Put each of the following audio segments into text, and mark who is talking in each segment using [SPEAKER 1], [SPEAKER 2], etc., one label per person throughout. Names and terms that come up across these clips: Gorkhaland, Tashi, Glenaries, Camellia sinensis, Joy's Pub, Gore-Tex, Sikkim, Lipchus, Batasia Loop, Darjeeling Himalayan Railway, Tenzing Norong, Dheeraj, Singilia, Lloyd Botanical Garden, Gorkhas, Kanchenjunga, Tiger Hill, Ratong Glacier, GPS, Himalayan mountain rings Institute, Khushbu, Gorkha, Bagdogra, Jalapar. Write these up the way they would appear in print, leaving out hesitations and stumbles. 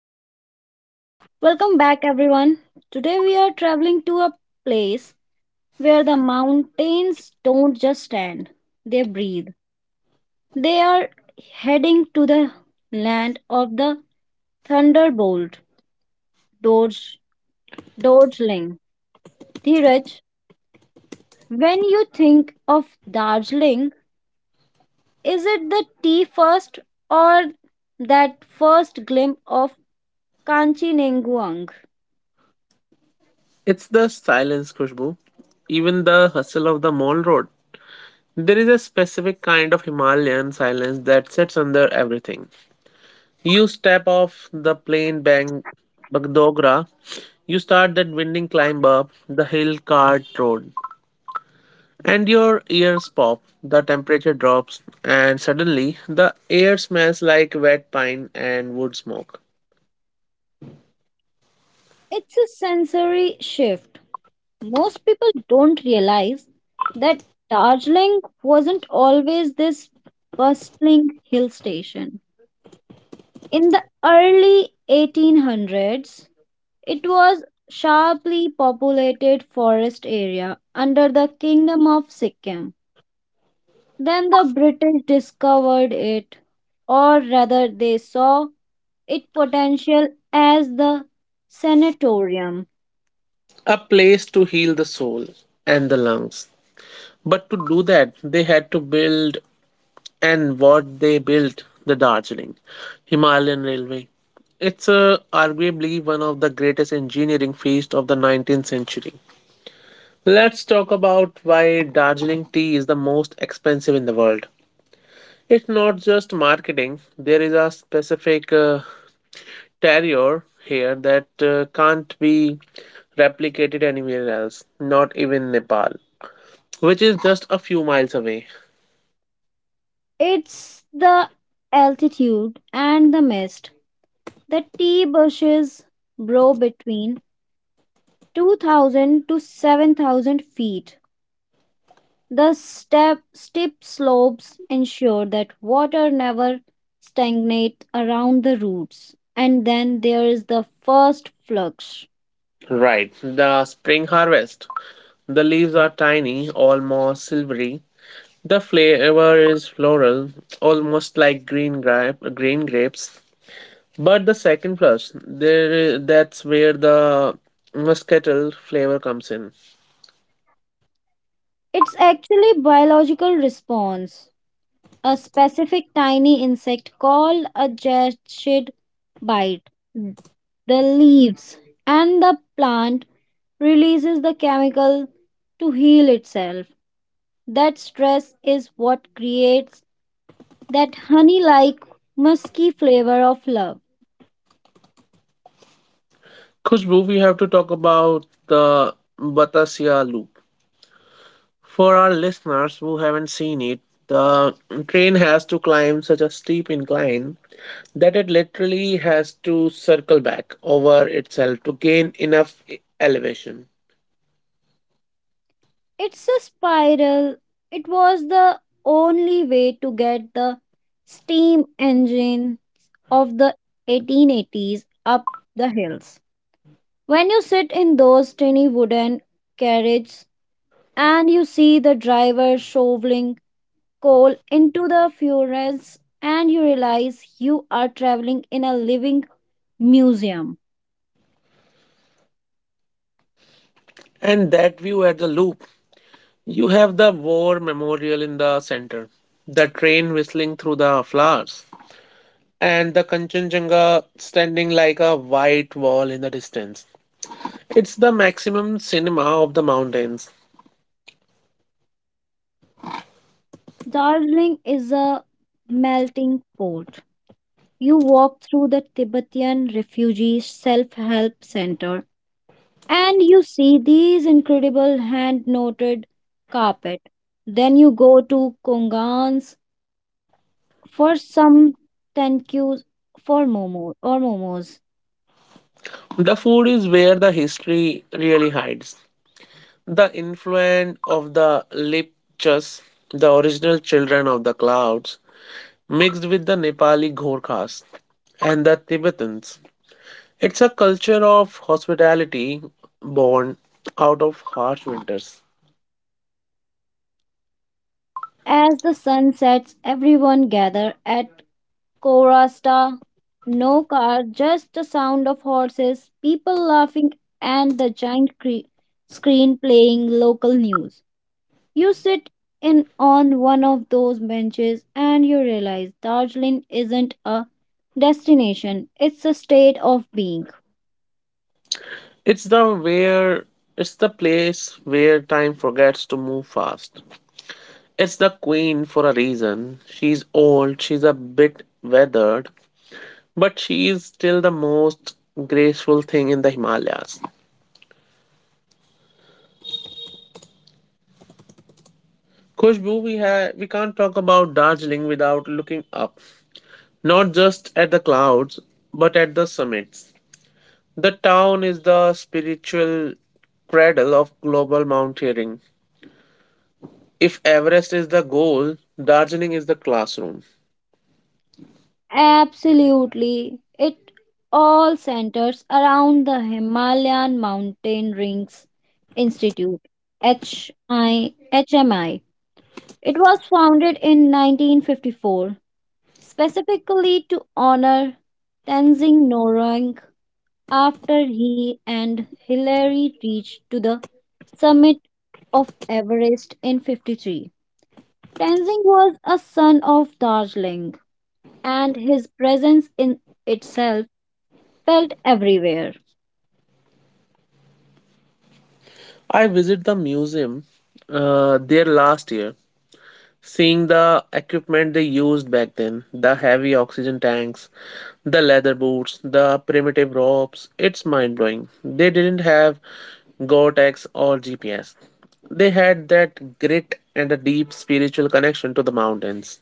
[SPEAKER 1] dive. Welcome back, everyone. Today we are traveling to a place where the mountains don't just stand, they breathe. They are heading to the land of the thunderbolt, Dorj, Dorjling. Dheeraj, when you think of Darjeeling, is it the tea first or that first glimpse of Kanchenjunga?
[SPEAKER 2] It's the silence, Khushbu. Even the hustle of the mall road. There is a specific kind of Himalayan silence that sits under everything. You step off the plain bank, Bagdogra. You start that winding climb up the hill cart road, and your ears pop. The temperature drops, and suddenly the air smells like wet pine and wood smoke.
[SPEAKER 1] It's a sensory shift. Most people don't realize that Darjeeling wasn't always this bustling hill station. In the early 1800s, it was sharply populated forest area under the Kingdom of Sikkim. Then the British discovered it, or rather they saw its potential as the sanatorium.
[SPEAKER 2] A place to heal the soul and the lungs. But to do that, they had to build and what they built the Darjeeling Himalayan Railway. It's arguably one of the greatest engineering feats of the 19th century. Let's talk about why Darjeeling tea is the most expensive in the world. It's not just marketing, there is a specific terrier here that can't be replicated anywhere else, not even Nepal, which is just a few miles away.
[SPEAKER 1] It's the altitude and the mist. The tea bushes grow between 2000 to 7000 feet. The steep slopes ensure that water never stagnates around the roots. And then there is the first flux.
[SPEAKER 2] Right, the spring harvest. The leaves are tiny, almost silvery. The flavor is floral, almost like green grapes. But the second plus, that's where the muscatel flavor comes in.
[SPEAKER 1] It's actually biological response. A specific tiny insect called a jet bite the leaves and the plant releases the chemical to heal itself. That stress is what creates that honey like musky flavor of love.
[SPEAKER 2] Khushbu, we have to talk about the Batasia Loop. For our listeners who haven't seen it, the train has to climb such a steep incline that it literally has to circle back over itself to gain enough elevation.
[SPEAKER 1] It's a spiral. It was the only way to get the steam engine of the 1880s up the hills. When you sit in those tiny wooden carriages and you see the driver shoveling coal into the furnace and you realize you are traveling in a living museum.
[SPEAKER 2] And that view at the loop, you have the war memorial in the center, the train whistling through the flowers, and the Kanchenjunga standing like a white wall in the distance. It's the maximum cinema of the mountains.
[SPEAKER 1] Darjeeling is a melting pot. You walk through the Tibetan Refugee Self Help Center and you see these incredible hand knotted carpet. Then you go to Kongan's for some tenkus for momo or momos.
[SPEAKER 2] The food is where the history really hides. The influence of the Lipchus, the original children of the clouds, mixed with the Nepali Gorkhas and the Tibetans. It's a culture of hospitality born out of harsh winters.
[SPEAKER 1] As the sun sets, everyone gather at Korasta, no car, just the sound of horses, people laughing, and the giant screen playing local news. You sit in on one of those benches and you realize Darjeeling isn't a destination, it's a state of being.
[SPEAKER 2] It's the where it's the place where time forgets to move fast. It's the queen for a reason. She's old, she's a bit weathered, but she is still the most graceful thing in the Himalayas. Khushbu, we can't talk about Darjeeling without looking up, not just at the clouds, but at the summits. The town is the spiritual cradle of global mountaineering. If Everest is the goal, Darjeeling is the classroom.
[SPEAKER 1] Absolutely, it all centers around the Himalayan mountain rings Institute, HMI. It was founded in 1954 specifically to honor Tenzing Norong after he and Hillary reached to the summit of Everest in 53. Tenzing was a son of Darjeeling and his presence in itself felt everywhere.
[SPEAKER 2] I visited the museum there last year, seeing the equipment they used back then the heavy oxygen tanks, the leather boots, the primitive ropes. It's mind blowing. They didn't have Gore-Tex or GPS. They had that grit and a deep spiritual connection to the mountains.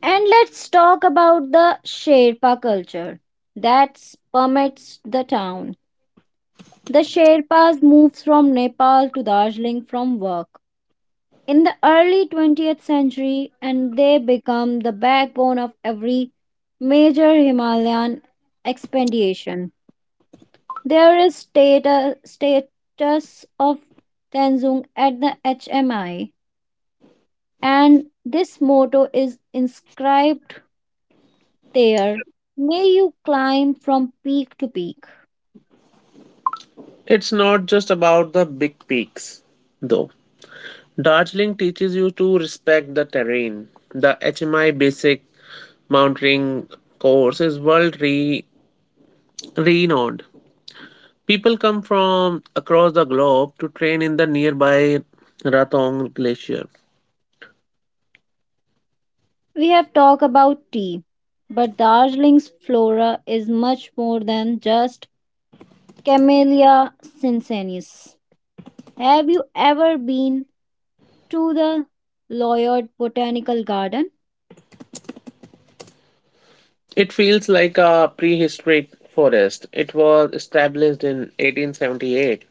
[SPEAKER 1] And let's talk about the Sherpa culture that permeates the town. The Sherpas moved from Nepal to Darjeeling from work in the early 20th century, and they become the backbone of every major Himalayan expedition. There is status of Tenzing at the HMI, and this motto is inscribed there. May you climb from peak to peak.
[SPEAKER 2] It's not just about the big peaks, though. Darjeeling teaches you to respect the terrain. The HMI basic mountaineering course is renowned. People come from across the globe to train in the nearby Ratong Glacier.
[SPEAKER 1] We have talked about tea, but Darjeeling's flora is much more than just Camellia sinensis. Have you ever been to the Lloyd Botanical Garden
[SPEAKER 2] It feels like a prehistoric forest. It was established in 1878.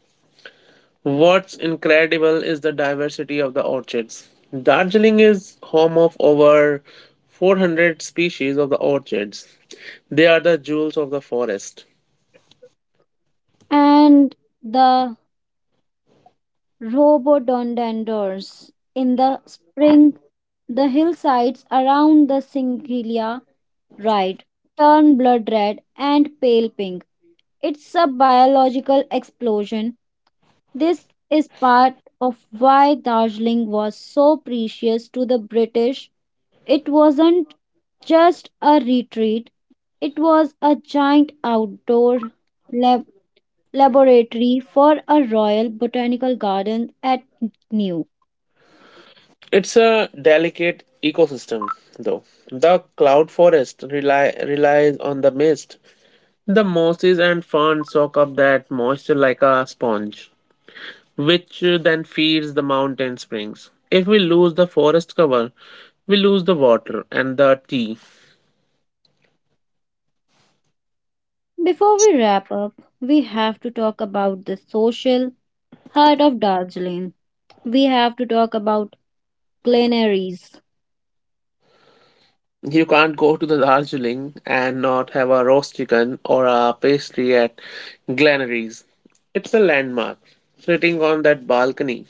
[SPEAKER 2] What's incredible is the diversity of the orchids. Darjeeling is home of over 400 species of the orchids. They are the jewels of the forest.
[SPEAKER 1] and the rhododendrons in the spring? The hillsides around the Singilia ride turn blood red and pale pink. It's a biological explosion. This is part of why Darjeeling was so precious to the British. It wasn't just a retreat, it was a giant outdoor lab- laboratory for a royal botanical garden at New.
[SPEAKER 2] It's a delicate ecosystem, though. The relies on the mist. The mosses and ferns soak up that moisture like a sponge, which then feeds the mountain springs. If we lose the forest cover, we lose the water and the tea.
[SPEAKER 1] Before we wrap up, we have to talk about the social heart of Darjeeling. We have to talk about Glenaries.
[SPEAKER 2] You can't go to the Darjeeling and not have a roast chicken or a pastry at Glenaries. It's a landmark. Sitting on that balcony,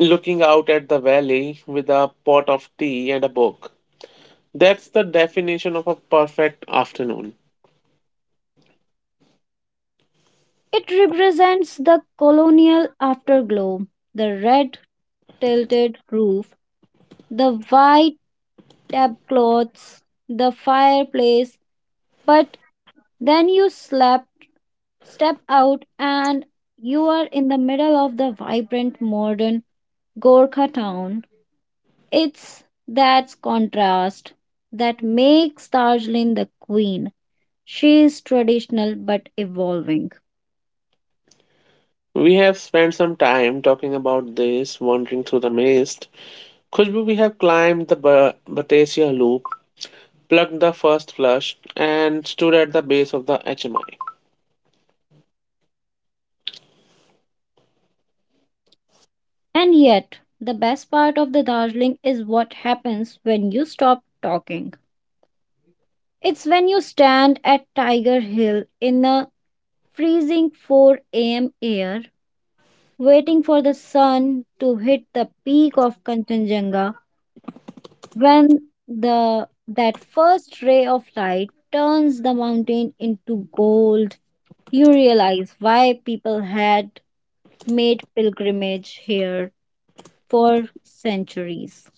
[SPEAKER 2] looking out at the valley with a pot of tea and a book. That's the definition of a perfect afternoon.
[SPEAKER 1] It represents the colonial afterglow, the red tilted roof, the white tablecloths, the fireplace. But then you step out, and you are in the middle of the vibrant modern Gorkha town. It's that contrast that makes Darjeeling the queen. She is traditional but evolving.
[SPEAKER 2] We have spent some time talking about this, wandering through the mist. Khushbu, we have climbed the Batasia Loop, plugged the first flush, and stood at the base of the HMI.
[SPEAKER 1] And yet, the best part of the Darjeeling is what happens when you stop talking. It's when you stand at Tiger Hill in the freezing 4 a.m. air, waiting for the sun to hit the peak of Kanchenjunga, when the that first ray of light turns the mountain into gold, you realize why people had made pilgrimage here for centuries.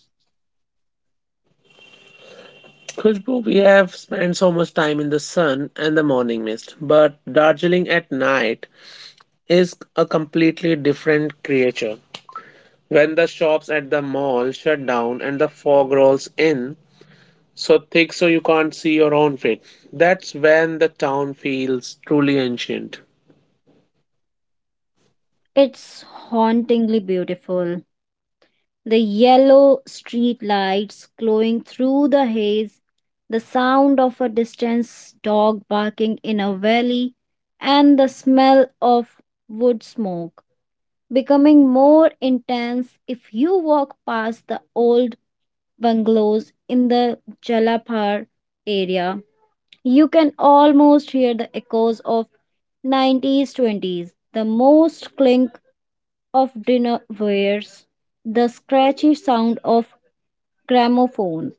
[SPEAKER 2] Khushbu, we have spent so much time in the sun and the morning mist, but Darjeeling at night is a completely different creature. When the shops at the mall shut down and the fog rolls in so thick so you can't see your own feet, that's when the town feels truly ancient.
[SPEAKER 1] It's hauntingly beautiful, the yellow street lights glowing through the haze, the sound of a distant dog barking in a valley, and the smell of wood smoke becoming more intense if you walk past the old bungalows in the Jalapar area. You can almost hear the echoes of 90s 20s, the most clink of dinner wares, the scratchy sound of Gramophone.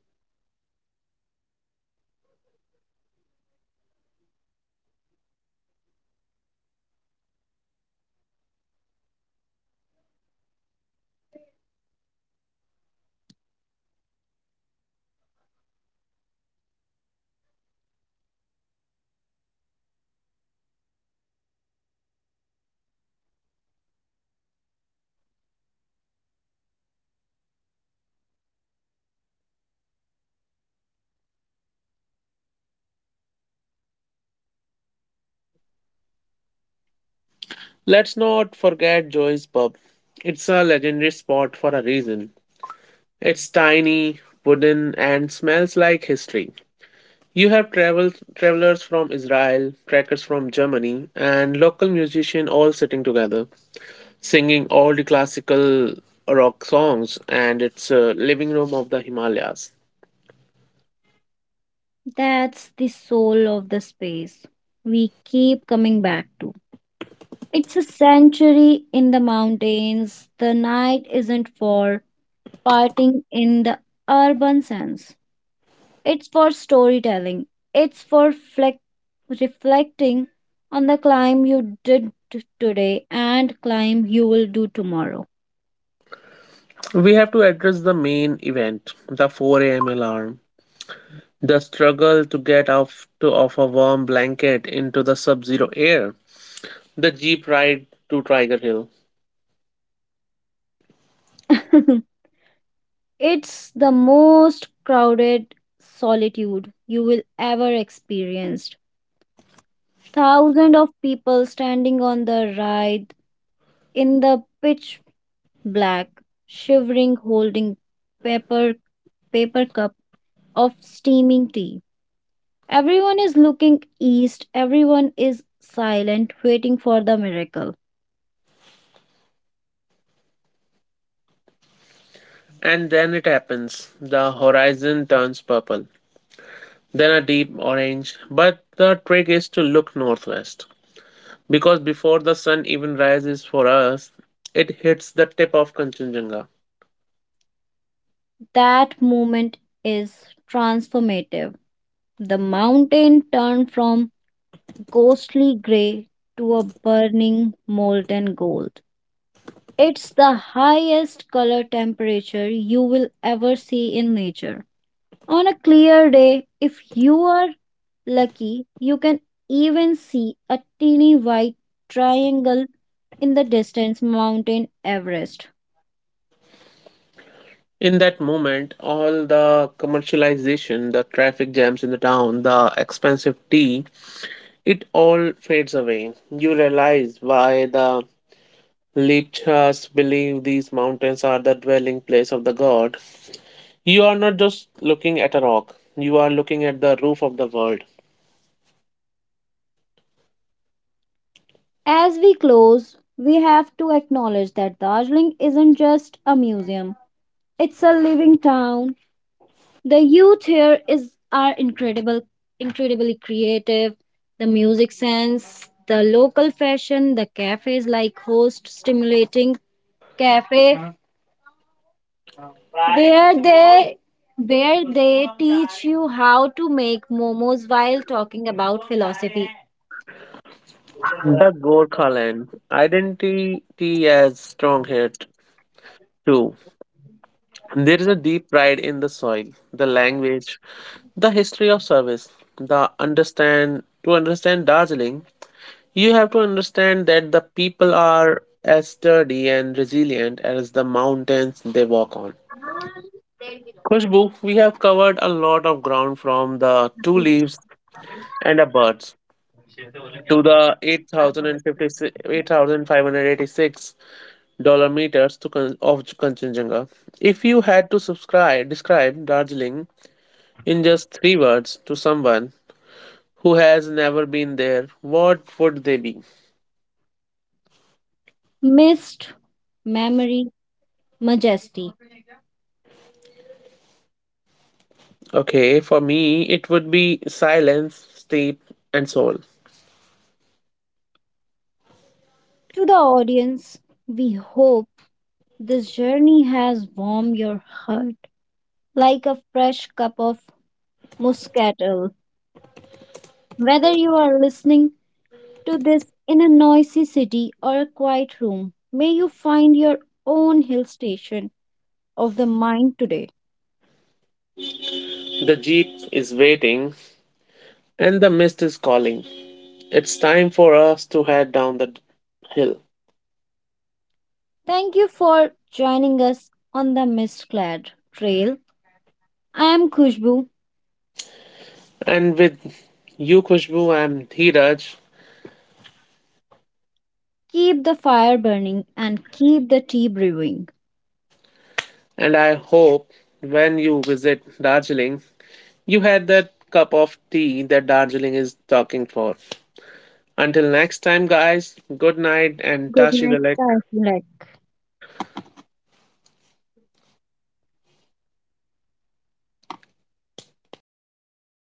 [SPEAKER 2] Let's not forget Joy's Pub. It's a legendary spot for a reason. It's tiny, wooden, and smells like history. You have travelers from Israel, trackers from Germany, and local musicians all sitting together, singing all the classical rock songs, and it's a living room of the Himalayas.
[SPEAKER 1] That's the soul of the space we keep coming back to. It's a sanctuary in the mountains. The night isn't for partying in the urban sense. It's for storytelling. It's for reflecting on the climb you did today and climb you will do tomorrow.
[SPEAKER 2] We have to address the main event, the 4 a.m. alarm, the struggle to get off to off a warm blanket into the sub-zero air, the jeep ride to Tiger Hill,
[SPEAKER 1] It's the most crowded solitude you will ever experience. Thousands of people standing on the right in the pitch black, shivering, holding paper paper cup of steaming tea. Everyone is looking east, everyone is silent, waiting for the miracle.
[SPEAKER 2] and then it happens. The horizon turns purple, then a deep orange. But the trick is to look northwest because before the sun even rises for us, it hits the tip of Kanchenjunga.
[SPEAKER 1] That moment is transformative. The mountain turned from ghostly gray to a burning molten gold. It's the highest color temperature you will ever see in nature. On a clear day, if you are lucky, you can even see a teeny white triangle in the distance, mountain Everest.
[SPEAKER 2] In that moment, all the commercialization, the traffic jams in the town, the expensive tea, it all fades away. You realize why the Lipchas believe these mountains are the dwelling place of the god. You are not just looking at a rock, you are looking at the roof of the world.
[SPEAKER 1] As we close, we have to acknowledge that Darjeeling isn't just a museum, it's a living town. The youth here is are incredible, incredibly creative. The music sense, the local fashion, the cafes like host stimulating cafe where they where they teach you how to make momos while talking about philosophy.
[SPEAKER 2] The Gorkhaland identity as strong here too. There is a deep pride in the soil, the language, the history of service, the understand Darjeeling, you have to understand that the people are as sturdy and resilient as the mountains they walk on. Khushbu, we have covered a lot of ground from the two leaves and a birds to the 8,056 $8,586 meters to Kan- of Kanchenjunga. If you had to subscribe describe Darjeeling in just three words to someone who has never been there, what would they be?
[SPEAKER 1] Mist, memory, majesty.
[SPEAKER 2] Okay, for me it would be silence, steep, and soul.
[SPEAKER 1] To the audience, we hope this journey has warmed your heart like a fresh cup of muscatel. Whether you are listening to this in a noisy city or a quiet room, may you find your own hill station of the mind today.
[SPEAKER 2] The jeep is waiting, and the mist is calling. It's time for us to head down the hill.
[SPEAKER 1] Thank you for joining us on the Mist Clad Trail. I am Khushbu.
[SPEAKER 2] And with you, Kushbu, I'm Dheeraj,
[SPEAKER 1] Keep the fire burning and keep the tea brewing.
[SPEAKER 2] and I hope when you visit Darjeeling, you had that cup of tea that Darjeeling is talking for. Until next time, guys, good night and
[SPEAKER 1] Good
[SPEAKER 2] Tashi the
[SPEAKER 1] night,
[SPEAKER 2] leg.
[SPEAKER 1] guys.